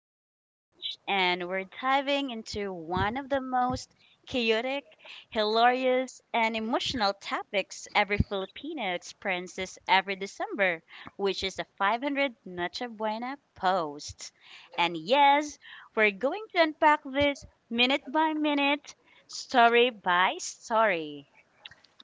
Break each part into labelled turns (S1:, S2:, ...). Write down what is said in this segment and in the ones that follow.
S1: I'm Marge, and we're diving into one of the most chaotic, hilarious, and emotional topics every Filipino experiences every December, which is the 500 Noche Buena post. And yes, we're going to unpack this minute by minute, story by story.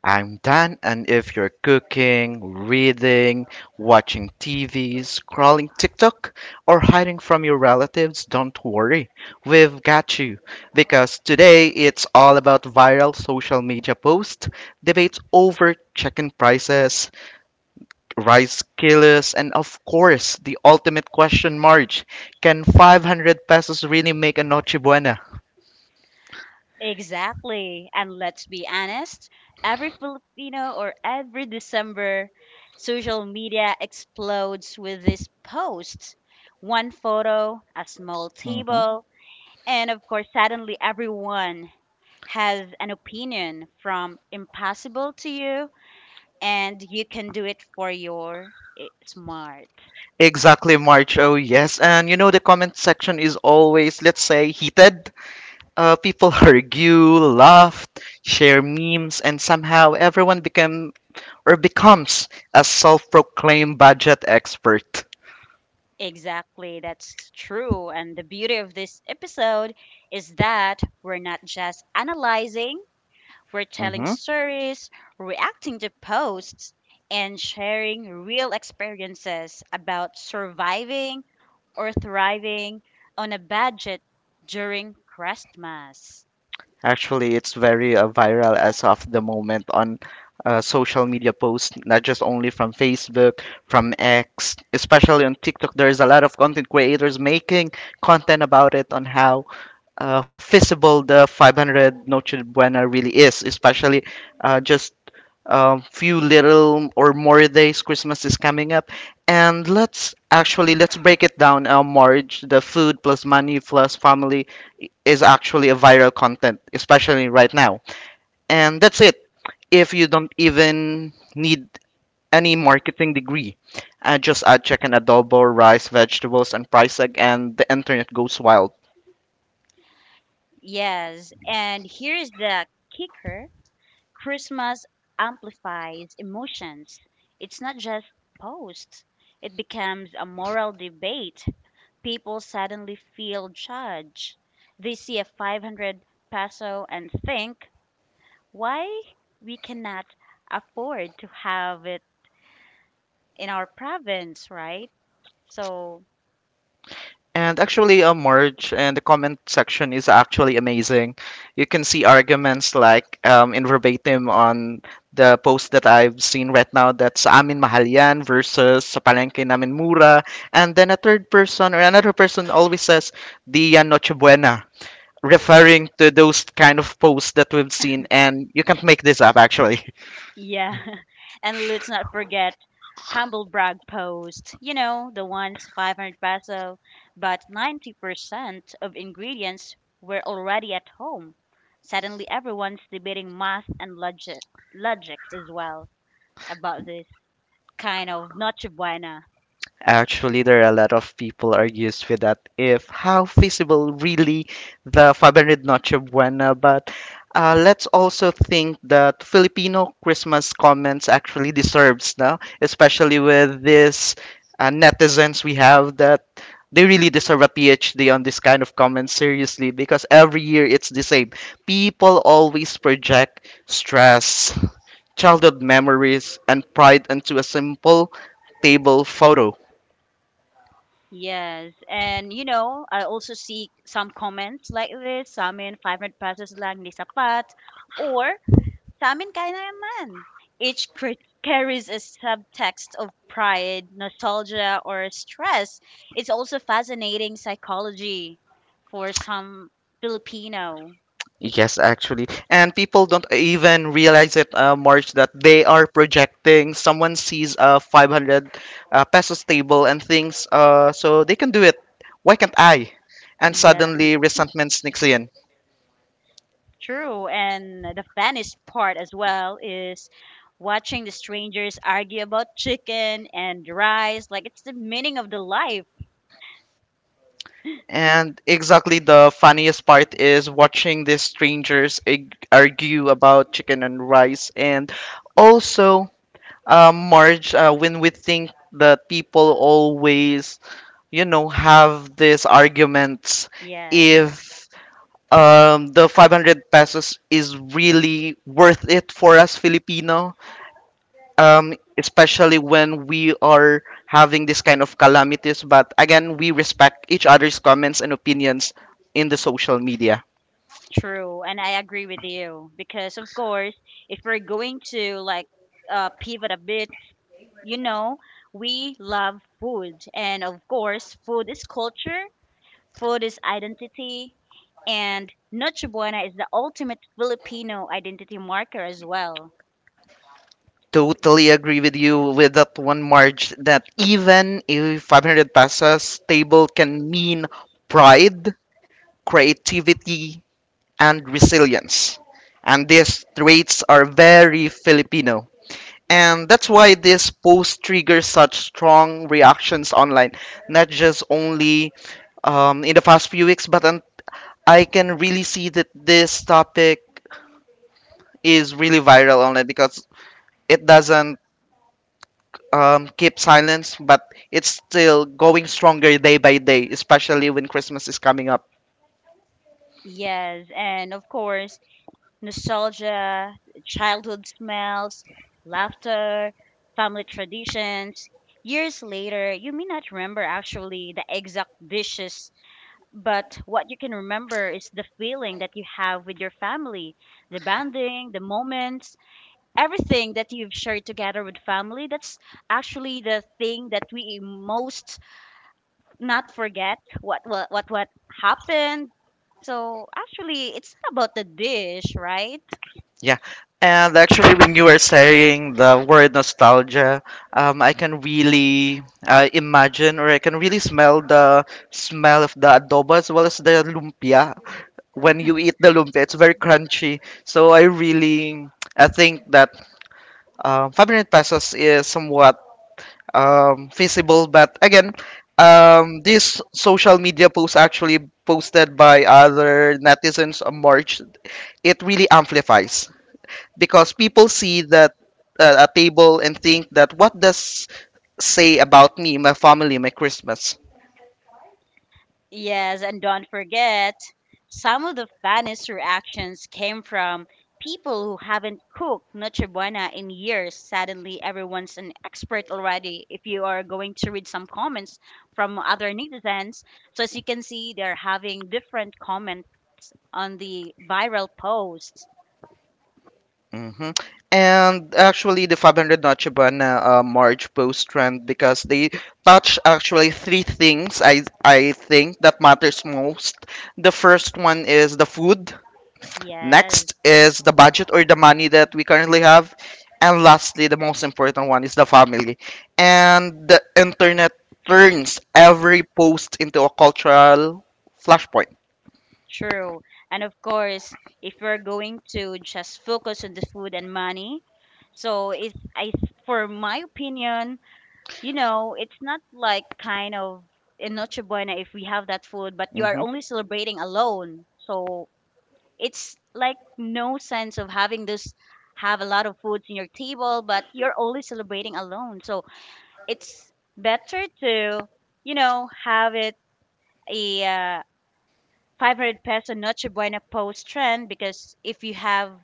S2: I'm Dan, and if you're cooking, reading, watching TV, scrolling TikTok, or hiding from your relatives, don't worry. We've got you. Because today it's all about viral social media posts, debates over chicken prices, rice kilos, and of course, the ultimate question, Marge. Can 500 pesos really make a noche buena?
S1: Exactly. And let's be honest, every Filipino or every December, social media explodes with these posts. One photo, a small
S2: Mm-hmm.
S1: table, and of course, suddenly everyone has an opinion from impossible to you and you can do it for your smart.
S2: Exactly, March. Oh, yes. And you know, the comment section is always, let's say, heated. People argue, laugh, share memes, and somehow everyone became or becomes a self-proclaimed budget expert.
S1: Exactly, that's true. And the beauty of this episode is that we're not just analyzing. We're telling
S2: Hmm
S1: stories, reacting to posts, and sharing real experiences about surviving or thriving on a budget during Christmas.
S2: Actually, it's very viral as of the moment on social media posts, not just only from Facebook, from X, especially on TikTok. There is a lot of content creators making content about it on how feasible the 500 Noche Buena really is, especially just a few little or more days Christmas is coming up. And let's actually let's break it down. Marriage, the food plus money plus family is actually a viral content, especially right now. And that's it. If you don't even need any marketing degree, just add chicken adobo, rice, vegetables, and price tag, and the internet goes wild.
S1: Yes, and here's the kicker. Christmas amplifies emotions. It's not just posts, it becomes a moral debate. People suddenly feel judged. They see a 500 peso and think, why we cannot afford to have it in our province, right? So,
S2: And actually, Marge, and the comment section is actually amazing. You can see arguments like in verbatim on the post that I've seen right now, that's sa amin mahal yan versus sa palengke namin mura. And then a third person or another person always says, di yan noche buena, referring to those kind of posts that we've seen. And you can't make this up, actually.
S1: yeah. And let's not forget humble brag post, the ones 500 peso, but 90% of ingredients were already at home. Suddenly everyone's debating math and logic logics as well about this kind of noche buena.
S2: Actually, there are a lot of people argues with that if how feasible really the 500 Noche Buena, but let's also think that Filipino Christmas comments actually deserves now, especially with this netizens we have that they really deserve a PhD on this kind of comments seriously, because every year it's the same. People always project stress, childhood memories, and pride into a simple table photo.
S1: Yes, and I also see some comments like this, sa amin 500 pesos lang di sapat, or sa amin kaya na yaman. Each crit carries a subtext of pride, nostalgia, or stress. It's also fascinating psychology for some Filipino.
S2: Yes, actually. And people don't even realize it, March, that they are projecting. Someone sees a 500 pesos table and thinks, so they can do it. Why can't I? And
S1: Yeah.
S2: suddenly resentment sneaks in.
S1: True, and the funniest part as well is watching the strangers argue about chicken and rice. Like it's the meaning of the life.
S2: And exactly the funniest part is watching these strangers argue about chicken and rice. And also, Marge, when we think that people always, you know, have these arguments
S1: Yeah, yeah.
S2: if the 500 pesos is really worth it for us Filipino, especially when we are having this kind of calamities. But again, we respect each other's comments and opinions in the social media.
S1: True, and I agree with you because of course, if we're going to like pivot a bit, you know, we love food, and of course, food is culture, food is identity, and Noche Buena is the ultimate Filipino identity marker as well.
S2: Totally agree with you with that one, Marge, that even a 500 pesos table can mean pride, creativity, and resilience. And these traits are very Filipino. And that's why this post triggers such strong reactions online, not just only in the past few weeks, but I can really see that this topic is really viral online because it doesn't keep silence, but it's still going stronger day by day, especially when Christmas is coming up.
S1: Yes, and of course, nostalgia, childhood smells, laughter, family traditions. Years later, you may not remember actually the exact dishes, but what you can remember is the feeling that you have with your family, the bonding, the moments, everything that you've shared together with family. That's actually the thing that we most not forget what happened. So actually, it's not about the dish, right?
S2: Yeah, and actually, when you were saying the word nostalgia, I can really imagine or I can really smell the smell of the adobo as well as the lumpia. When you eat the lumpia, it's very crunchy. I think that 500 pesos is somewhat feasible. But again, this social media post actually posted by other netizens on March, it really amplifies because people see that a table and think that what does say about me, my family, my Christmas.
S1: Yes, and don't forget, some of the funniest reactions came from people who haven't cooked Noche Buena in years. Suddenly, everyone's an expert already. If you are going to read some comments from other netizens, so as you can see, they're having different comments on the viral posts.
S2: Hmm And actually, the 500 Noche Buena March post trend because they touch actually three things I think that matters most. The first one is the food.
S1: Yes.
S2: Next is the budget or the money that we currently have. And lastly, the most important one is the family. And the internet turns every post into a cultural flashpoint.
S1: True. And of course, if you're going to just focus on the food and money, so it's I for my opinion, it's not like kind of in Noche Buena if we have that food, but you are
S2: Mhm.
S1: only celebrating alone. So it's like no sense of having this have a lot of foods in your table, but you're only celebrating alone. So it's better to, have it a 500 peso Noche Buena post trend because if you have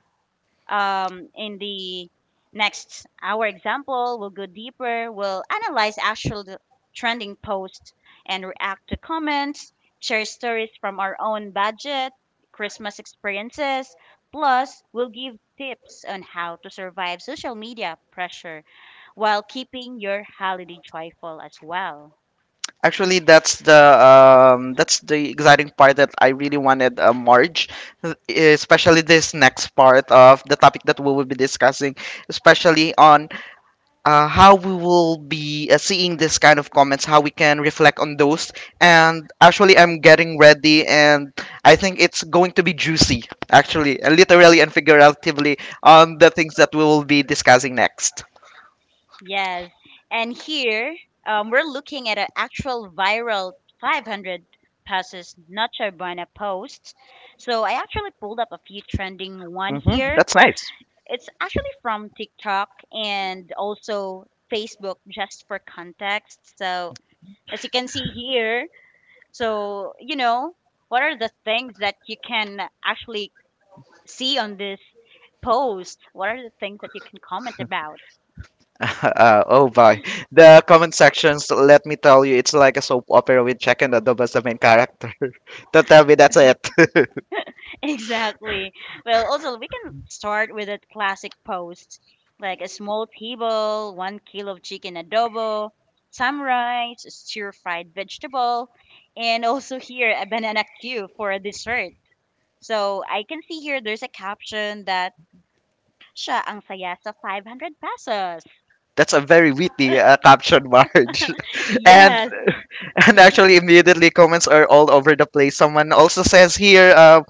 S1: in the next hour example, we'll go deeper, we'll analyze actual the trending posts and react to comments, share stories from our own budget, Christmas experiences, plus we'll give tips on how to survive social media pressure while keeping your holiday joyful as well.
S2: Actually, that's the exciting part that I really wanted, Marge, especially this next part of the topic that we will be discussing, especially on how we will be seeing this kind of comments, how we can reflect on those. And actually, I'm getting ready, and I think it's going to be juicy, actually, literally and figuratively, on the things that we will be discussing next.
S1: Yes. And here, we're looking at an actual viral 500 passes Nacho Buena post. So I actually pulled up a few trending one
S2: Hmm
S1: here.
S2: That's nice.
S1: It's actually from TikTok and also Facebook just for context. So as you can see here, so what are the things that you can actually see on this post? What are the things that you can comment about?
S2: Oh boy, the comment sections. Let me tell you, it's like a soap opera with Jack and Adobe as the main character. Don't tell me that's it.
S1: Exactly. Well, also, we can start with a classic post like a small table, 1 kilo of chicken adobo, some rice, a stir fried vegetable, and also here a banana cue for a dessert. So I can see here there's a caption that siya ang saya sa 500 pesos.
S2: That's a very witty caption, Marge. and
S1: Yes.
S2: and actually, immediately comments are all over the place. Someone also says here, uh,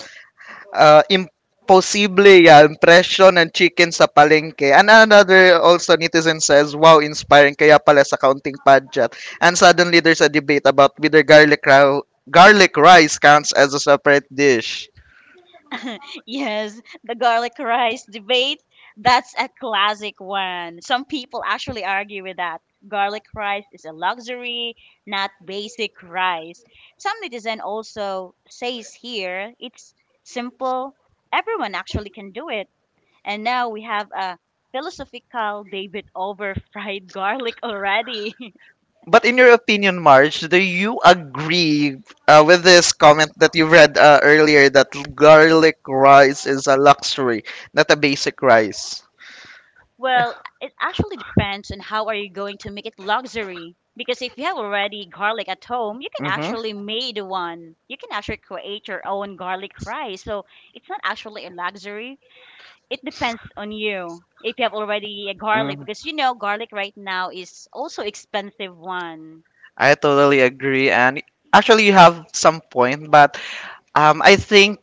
S2: uh, imposible yan, presyo ng chicken sa palengke. And another also netizen says, wow, inspiring, kaya pala sa counting pageant. And suddenly, there's a debate about whether garlic rice counts as a separate dish.
S1: Yes, the garlic rice debate. That's a classic one. Some people actually argue with that. Garlic rice is a luxury, not basic rice. Some netizen also says here it's simple. Everyone actually can do it. And now we have a philosophical debate over fried garlic already.
S2: But in your opinion, Marge, do you agree with this comment that you read earlier, that garlic rice is a luxury, not a basic rice?
S1: Well, it actually depends on how are you going to make it luxury. Because if you have already garlic at home, you can
S2: Mm-hmm.
S1: actually made one. You can actually create your own garlic rice. So it's not actually a luxury. It depends on you if you have already a garlic
S2: Mm.
S1: because you know garlic right now is also expensive one.
S2: I totally agree, and actually, you have some point, but I think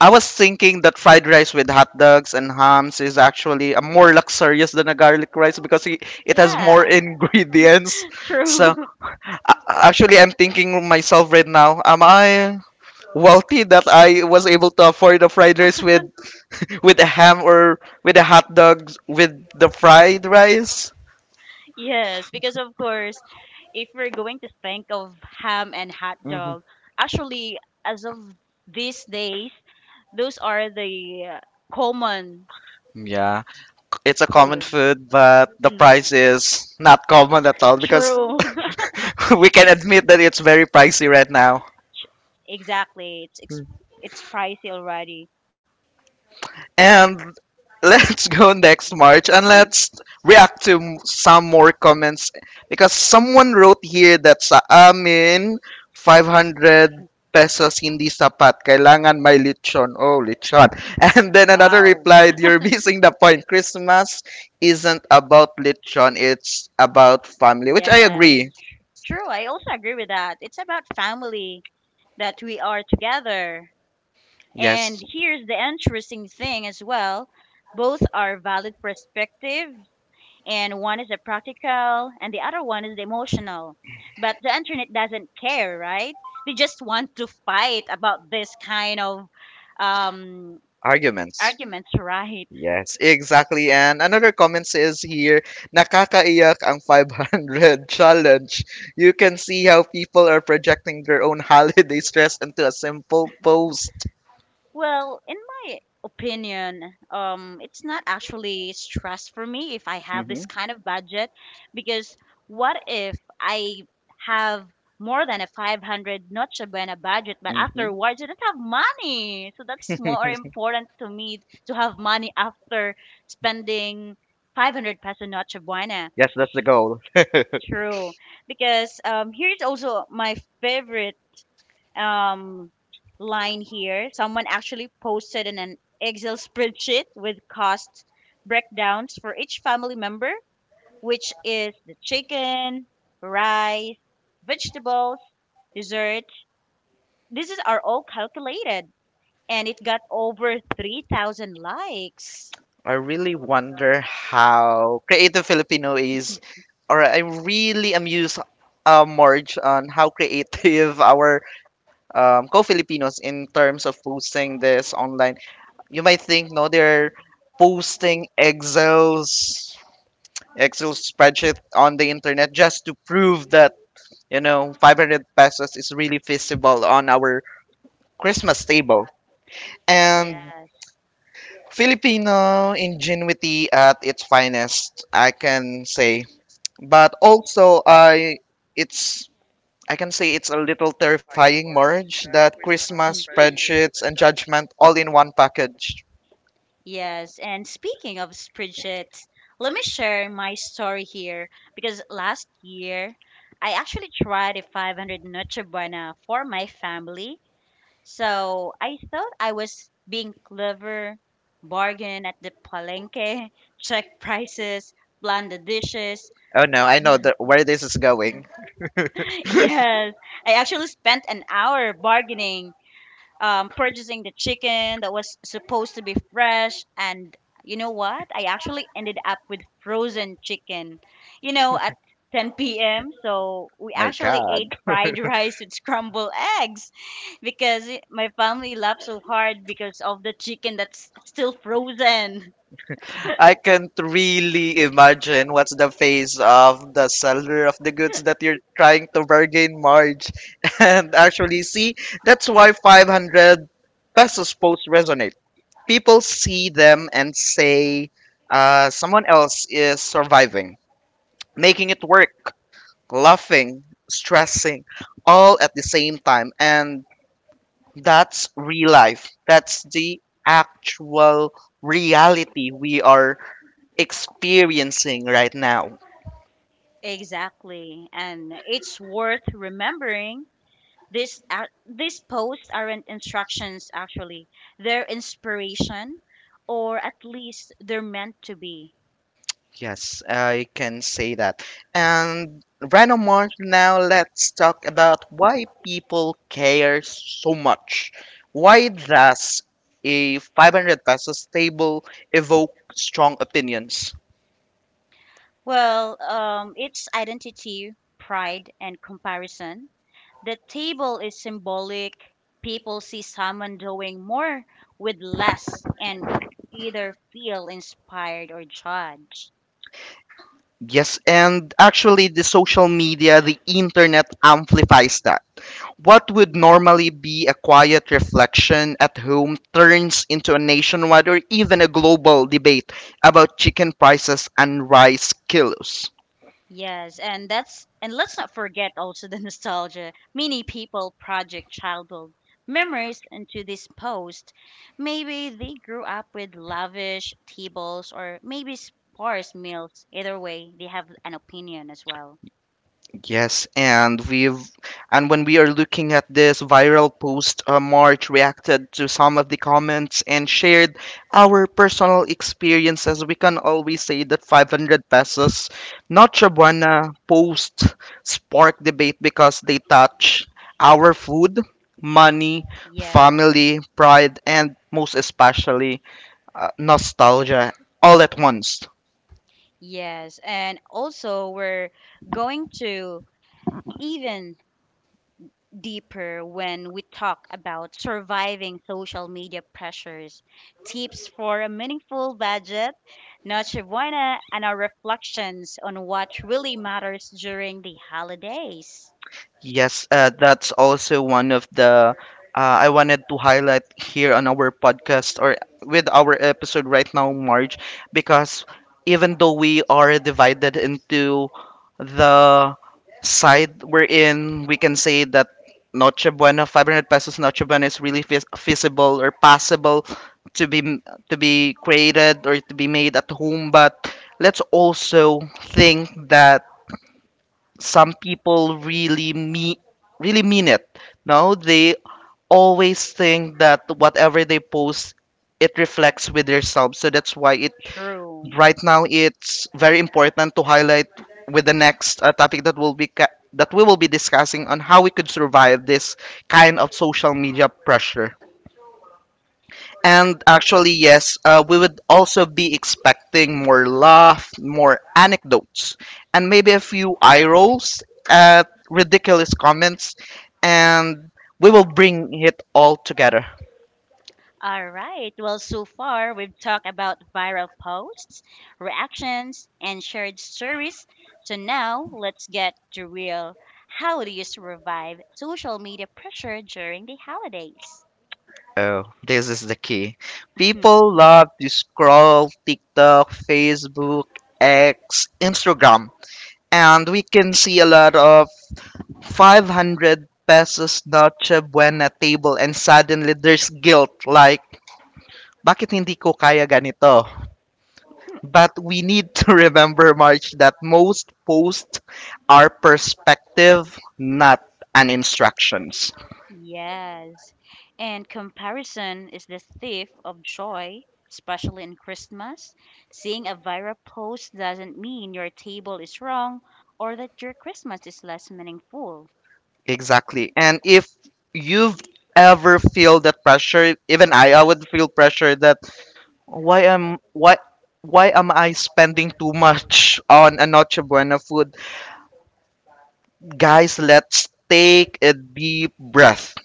S2: I was thinking that fried rice with hot dogs and hams is actually a more luxurious than a garlic rice because it has more
S1: Yeah.
S2: ingredients.
S1: True.
S2: So actually, I'm thinking myself right now, am I wealthy that I was able to afford a fried rice with a ham or with a hot dog with the fried rice?
S1: Yes, because of course, if we're going to think of ham and hot
S2: Mm.
S1: dog, actually, as of these days, those are the common
S2: Yeah, it's a common
S1: food.
S2: food, but the price
S1: Mm.
S2: is not common at all because
S1: True.
S2: we can
S1: it's
S2: admit that it's very pricey right now.
S1: ch- exactly. It's pricey already.
S2: And let's go next, March, and let's react to some more comments, because someone wrote here that sa amin 500 pesos hindi sapat kailangan may lechon oh lechon and then another
S1: Wow.
S2: replied, you're missing the point, Christmas isn't about lechon, it's about family, which I
S1: Yes.
S2: agree.
S1: True. I also agree with that. It's about family that we are together. And
S2: Yes,
S1: here's the interesting thing as well. Both are valid perspective and one is the practical and the other one is the emotional, but the internet doesn't care, right? They just want to fight about this kind of um
S2: arguments.
S1: arguments. Right.
S2: Yes, exactly. And another comment says here, nakakaiyak ang 500 challenge. You can see how people are projecting their own holiday stress into a simple post.
S1: Well, in my opinion, it's not actually stress for me if I have
S2: Mm-hmm.
S1: this kind of budget because what if I have more than a 500 Noche Buena budget, but
S2: Mm-hmm.
S1: afterwards I don't have money. So that's more important to me to have money after spending 500 peso Noche Buena.
S2: Yes, that's the goal.
S1: True. Because here's also my favorite um, line here. Someone actually posted in an Excel spreadsheet with cost breakdowns for each family member, which is the chicken, rice, vegetables, dessert. These are all calculated, and it got over 3,000 likes.
S2: I really wonder how creative Filipino is, or I really amuse, Marge, on how creative our co-Filipinos in terms of posting this online. You might think, no, they're posting Excel spreadsheet on the internet just to prove that you know 500 pesos is really feasible on our Christmas table. And
S1: Yes.
S2: Filipino ingenuity at its finest, I can say. But also, it's I can say it's a little terrifying, merge, that Christmas, spreadsheets, and judgment all in one package.
S1: Yes, and speaking of spreadsheets, let me share my story here because last year I actually tried a 500 Noche Buena for my family. So I thought I was being clever, bargain at the palenque, check prices, plan the dishes.
S2: Oh no, I know the, where this is going.
S1: Yes, I actually spent an hour bargaining, purchasing the chicken that was supposed to be fresh. And you know what? I actually ended up with frozen chicken, you know, at 10 p.m. So we
S2: My
S1: actually ate
S2: god.
S1: fried rice with scrambled eggs because my family laughed so hard because of the chicken that's still frozen.
S2: I can't really imagine what's the face of the seller of the goods that you're trying to bargain, merge and actually see. That's why 500 pesos posts resonate. People see them and say, someone else is surviving, making it work, laughing, stressing, all at the same time. And that's real life. That's the actual reality we are experiencing right now.
S1: Exactly. And it's worth remembering. This ac These posts aren't instructions actually. They're inspiration or at least they're meant to be.
S2: Yes, I can say that. And right on now, let's talk about why people care so much. Why does a 500 pesos table evoke strong opinions?
S1: Well, it's identity, pride, and comparison. The table is symbolic. People see someone doing more with less and either feel inspired or judged.
S2: Yes, and actually, the social media, the internet amplifies that. What would normally be a quiet reflection at home turns into a nationwide or even a global debate about chicken prices and rice kilos.
S1: Yes, and that's and let's not forget also the nostalgia. Many people project childhood memories into this post. Maybe they grew up with lavish tables or maybe sparse meals. Either way, they have an opinion as well.
S2: Yes, and when we are looking at this viral post, March reacted to some of the comments and shared our personal experiences. We can always say that 500 pesos Noche Buena post sparked debate because they touch our food, money,
S1: Yes.
S2: family, pride, and most especially nostalgia all at once.
S1: Yes, and also we're going to even deeper when we talk about surviving social media pressures, tips for a meaningful budget, Noche Buena, and our reflections on what really matters during the holidays.
S2: Yes, that's also one of the I wanted to highlight here on our podcast or with our episode right now, Marge, because even though we are divided into the side we're in, we can say that Noche Buena, 500 pesos Noche Buena is really feasible or possible to be m- to be created or to be made at home. But let's also think that some people really mean it. No, they always think that whatever they post, it reflects with themselves. So that's why it
S1: True.
S2: right now it's very important to highlight with the next topic that will be that we will be discussing on how we could survive this kind of social media pressure. And actually, yes, we would also be expecting more laugh, more anecdotes, and maybe a few eye rolls at ridiculous comments, and we will bring it all together.
S1: All right. Well, so far we've talked about viral posts, reactions, and shared stories. So now let's get to real. How do you survive social media pressure during the holidays?
S2: Oh, this is the key. People love to scroll TikTok, Facebook, X, Instagram, and we can see a lot of 500 pesos noche buena table, and suddenly there's guilt like, bakit hindi ko kaya ganito? But we need to remember, March, that most posts are perspective, not an instructions.
S1: Yes. And comparison is the thief of joy, especially in Christmas. Seeing a viral post doesn't mean your table is wrong or that your Christmas is less meaningful.
S2: Exactly. And if you've ever feel that pressure, even I would feel pressure that why am why why am I spending too much on a Noche Buena food? Guys, let's take a deep breath.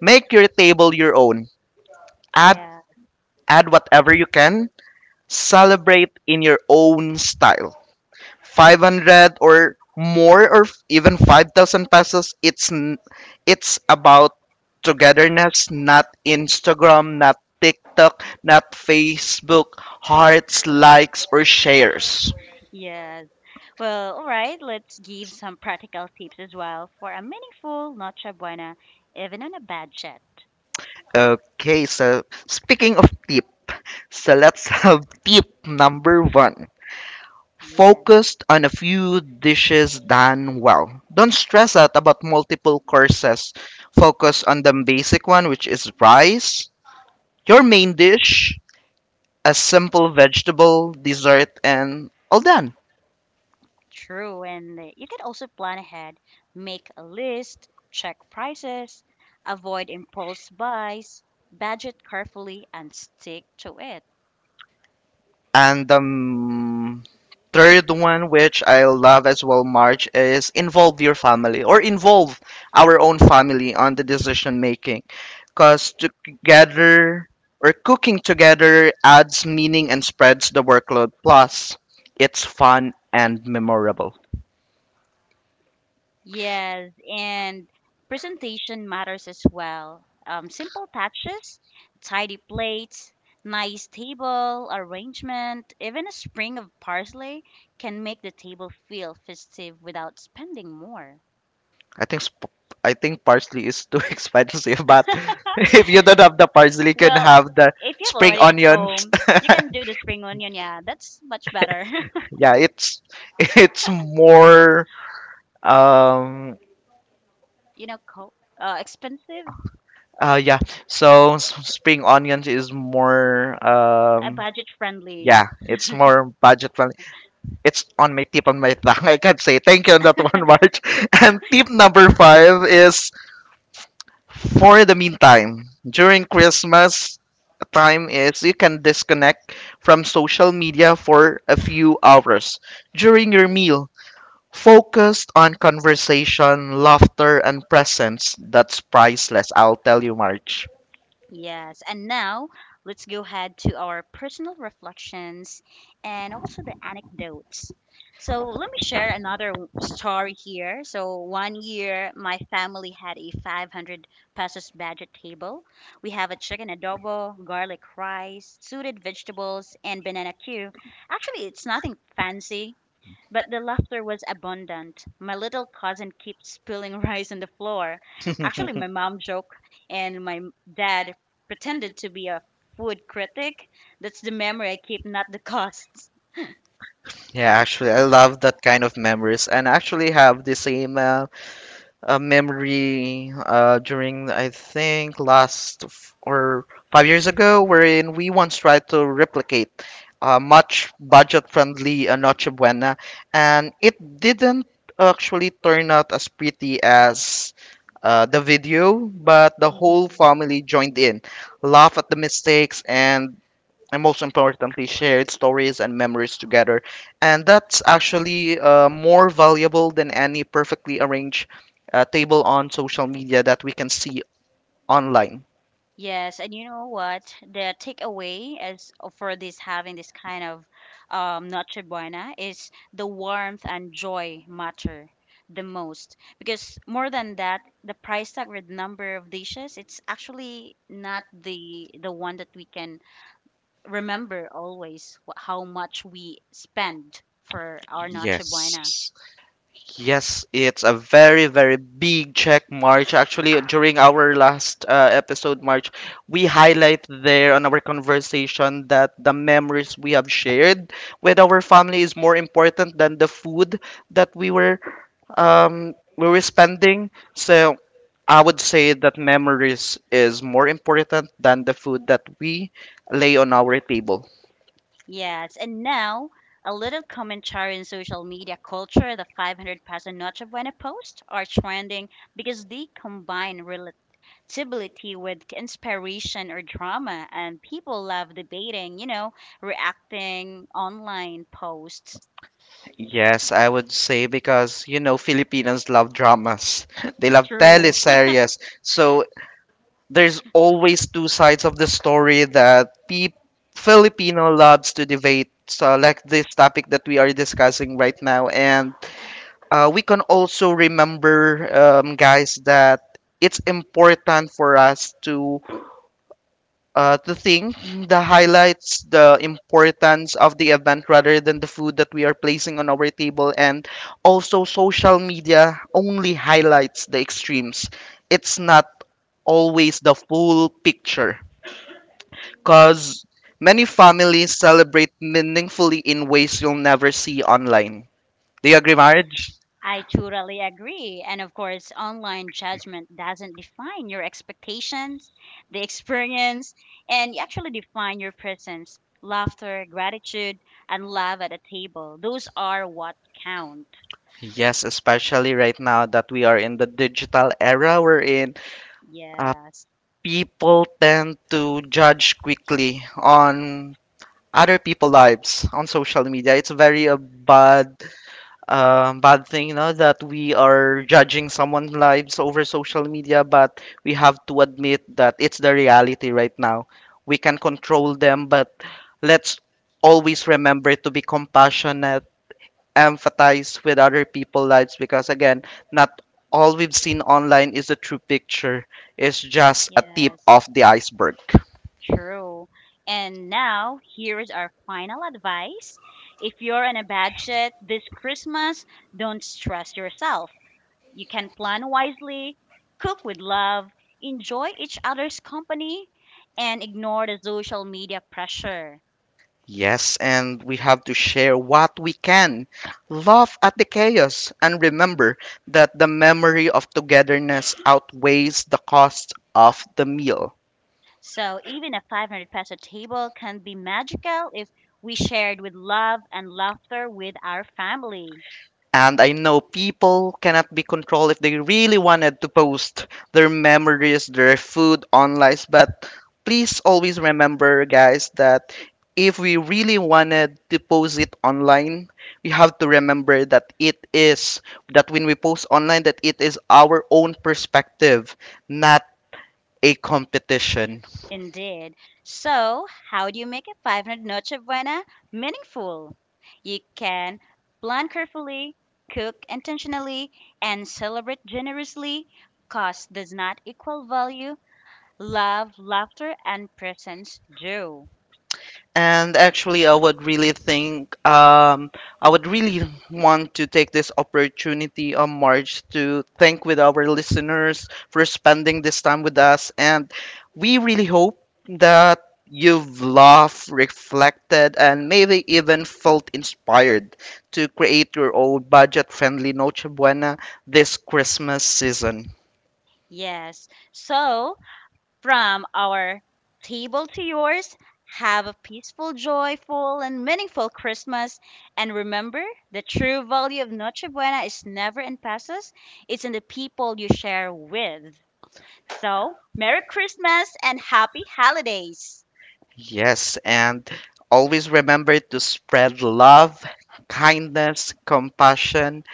S2: Make your table your own.
S1: Not
S2: Add
S1: Yeah,
S2: add whatever you can. Celebrate in your own style. 500 or more or even 5,000 pesos, it's about togetherness, not Instagram, not TikTok, not Facebook hearts, likes, or shares.
S1: yes. Well, all right, let's give some practical tips as well for a meaningful Noche Buena, even on a budget. So
S2: Okay, so speaking of tip, so let's have tip number 1.
S1: Yes.
S2: Focused on a few dishes done well. Don't stress out about multiple courses. Focus on the basic one, which is rice, your main dish, a simple vegetable, dessert, and all done.
S1: True, and you can also plan ahead, make a list, check prices, avoid impulse buys, budget carefully, and stick to it.
S2: And Third one, which I love as well, March, is involve your family or involve our own family on the decision making. Because together or cooking together adds meaning and spreads the workload. Plus, it's fun and memorable.
S1: Yes, and presentation matters as well. Simple touches, tidy plates, nice table arrangement, even a sprig of parsley can make the table feel festive without spending more.
S2: I think sp- I think parsley is too expensive, but if you don't have the parsley, you can
S1: Well,
S2: have the
S1: if you have
S2: spring
S1: already at
S2: onions.
S1: home, you can do the spring onion. Yeah, that's much better.
S2: Yeah, it's more um
S1: you know, co- expensive,
S2: Yeah. So spring onions is more um
S1: budget friendly.
S2: Yeah, it's more budget friendly. It's on my tip, on my tongue. I can't say thank you on that one, March. And tip number 5 is, for the meantime, during Christmas time is you can disconnect from social media for a few hours during your meal. Focused on conversation, laughter, and presence. That's priceless. I'll tell you, March.
S1: Yes, and now let's go ahead to our personal reflections and also the anecdotes. So, let me share another story here. So, one year my family had a 500 pesos budget table. We have a chicken adobo, garlic rice, suited vegetables, and banana queue. Actually, it's nothing fancy, but the laughter was abundant. My little cousin kept spilling rice on the floor. Actually, my mom joked, and my dad pretended to be a food critic. That's the memory I keep, not the costs.
S2: Yeah, actually, I love that kind of memories, and I actually have the same memory during I think last f- or 5 years ago, wherein we once tried to replicate a much budget-friendly Noche Buena, and it didn't actually turn out as pretty as the video, but the whole
S1: Mhm.
S2: family joined in, laugh at the mistakes, and most importantly shared stories and memories together, and that's actually more valuable than any perfectly arranged table on social media that we can see online.
S1: Yes, and you know what? The takeaway is for this having this kind of Noche Buena is the warmth and joy matter the most because more than that, the price tag or the number of dishes, it's actually not the one that we can remember always how much we spend for our Noche Buena.
S2: Yes. Yes, it's a very, very big check, March. Actually, during our last episode, March, we highlight there on our conversation that the memories we have shared with our family is more important than the food that we were spending. So I would say that memories is more important than the food that we lay on our table.
S1: Yes, and now a little commentary on social media culture. The 500 Paso Noche Buena post are trending because they combine relatability with inspiration or drama, and people love debating, reacting online posts.
S2: Yes, I would say because you know Filipinos love dramas. They love
S1: True.
S2: teleseries. So there's always two sides of the story that pe Filipino loves to debate. So like this topic that we are discussing right now, and we can also remember, guys, that it's important for us to think the highlights, the importance of the event rather than the food that we are placing on our table. And also, social media only highlights the extremes. It's not always the full picture, because many families celebrate meaningfully in ways you'll never see online. Do you agree, marge
S1: I totally agree. And of course, online judgment doesn't define your expectations, the experience, and you actually define your presence, laughter, gratitude, and love at a table. Those are what count.
S2: yes, especially right now that we are in the digital era we're in,
S1: Yes,
S2: people tend to judge quickly on other people's lives on social media. It's very a bad bad thing, you know, that we are judging someone's lives over social media, but we have to admit that it's the reality right now. We can control them, but let's always remember to be compassionate, empathize with other people's lives, because again, not all we've seen online is the true picture. It's just a tip
S1: yes,
S2: of the iceberg.
S1: true. And now, here is our final advice. If you're in a bad shit this Christmas, don't stress yourself. You can plan wisely, cook with love, enjoy each other's company, and ignore the social media pressure.
S2: Yes, and we have to share what we can. Laugh at the chaos and remember that the memory of togetherness outweighs the cost of the meal.
S1: So even a 500 peso table can be magical if we shared with love and laughter with our family.
S2: And I know people cannot be controlled if they really wanted to post their memories, their food online. But please always remember, guys, that if we really wanted to post it online, we have to remember that it is, that when we post online, that it is our own perspective, not a competition.
S1: Indeed. So, how do you make a 500 Noche Buena meaningful? You can plan carefully, cook intentionally, and celebrate generously. Cost does not equal value, love, laughter, and presence do.
S2: And actually, I would really think, I would really want to take this opportunity on March to thank with our listeners for spending this time with us. And we really hope that you've laughed, reflected, and maybe even felt inspired to create your own budget-friendly Noche Buena this Christmas season.
S1: Yes. So, from our table to yours, have a peaceful, joyful, and meaningful Christmas. And remember, the true value of Noche Buena is never in pesos, it's in the people you share with. So, Merry Christmas and Happy Holidays!
S2: Yes, and always remember to spread love, kindness, compassion,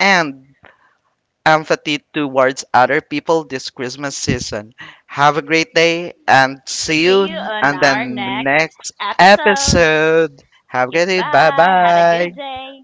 S2: and empathy towards other people this Christmas season. Have a great day and see
S1: See
S2: you
S1: you on
S2: on the
S1: our next
S2: next
S1: episode.
S2: episode. Have a great day. Bye
S1: Goodbye. Have a
S2: bye.
S1: good day.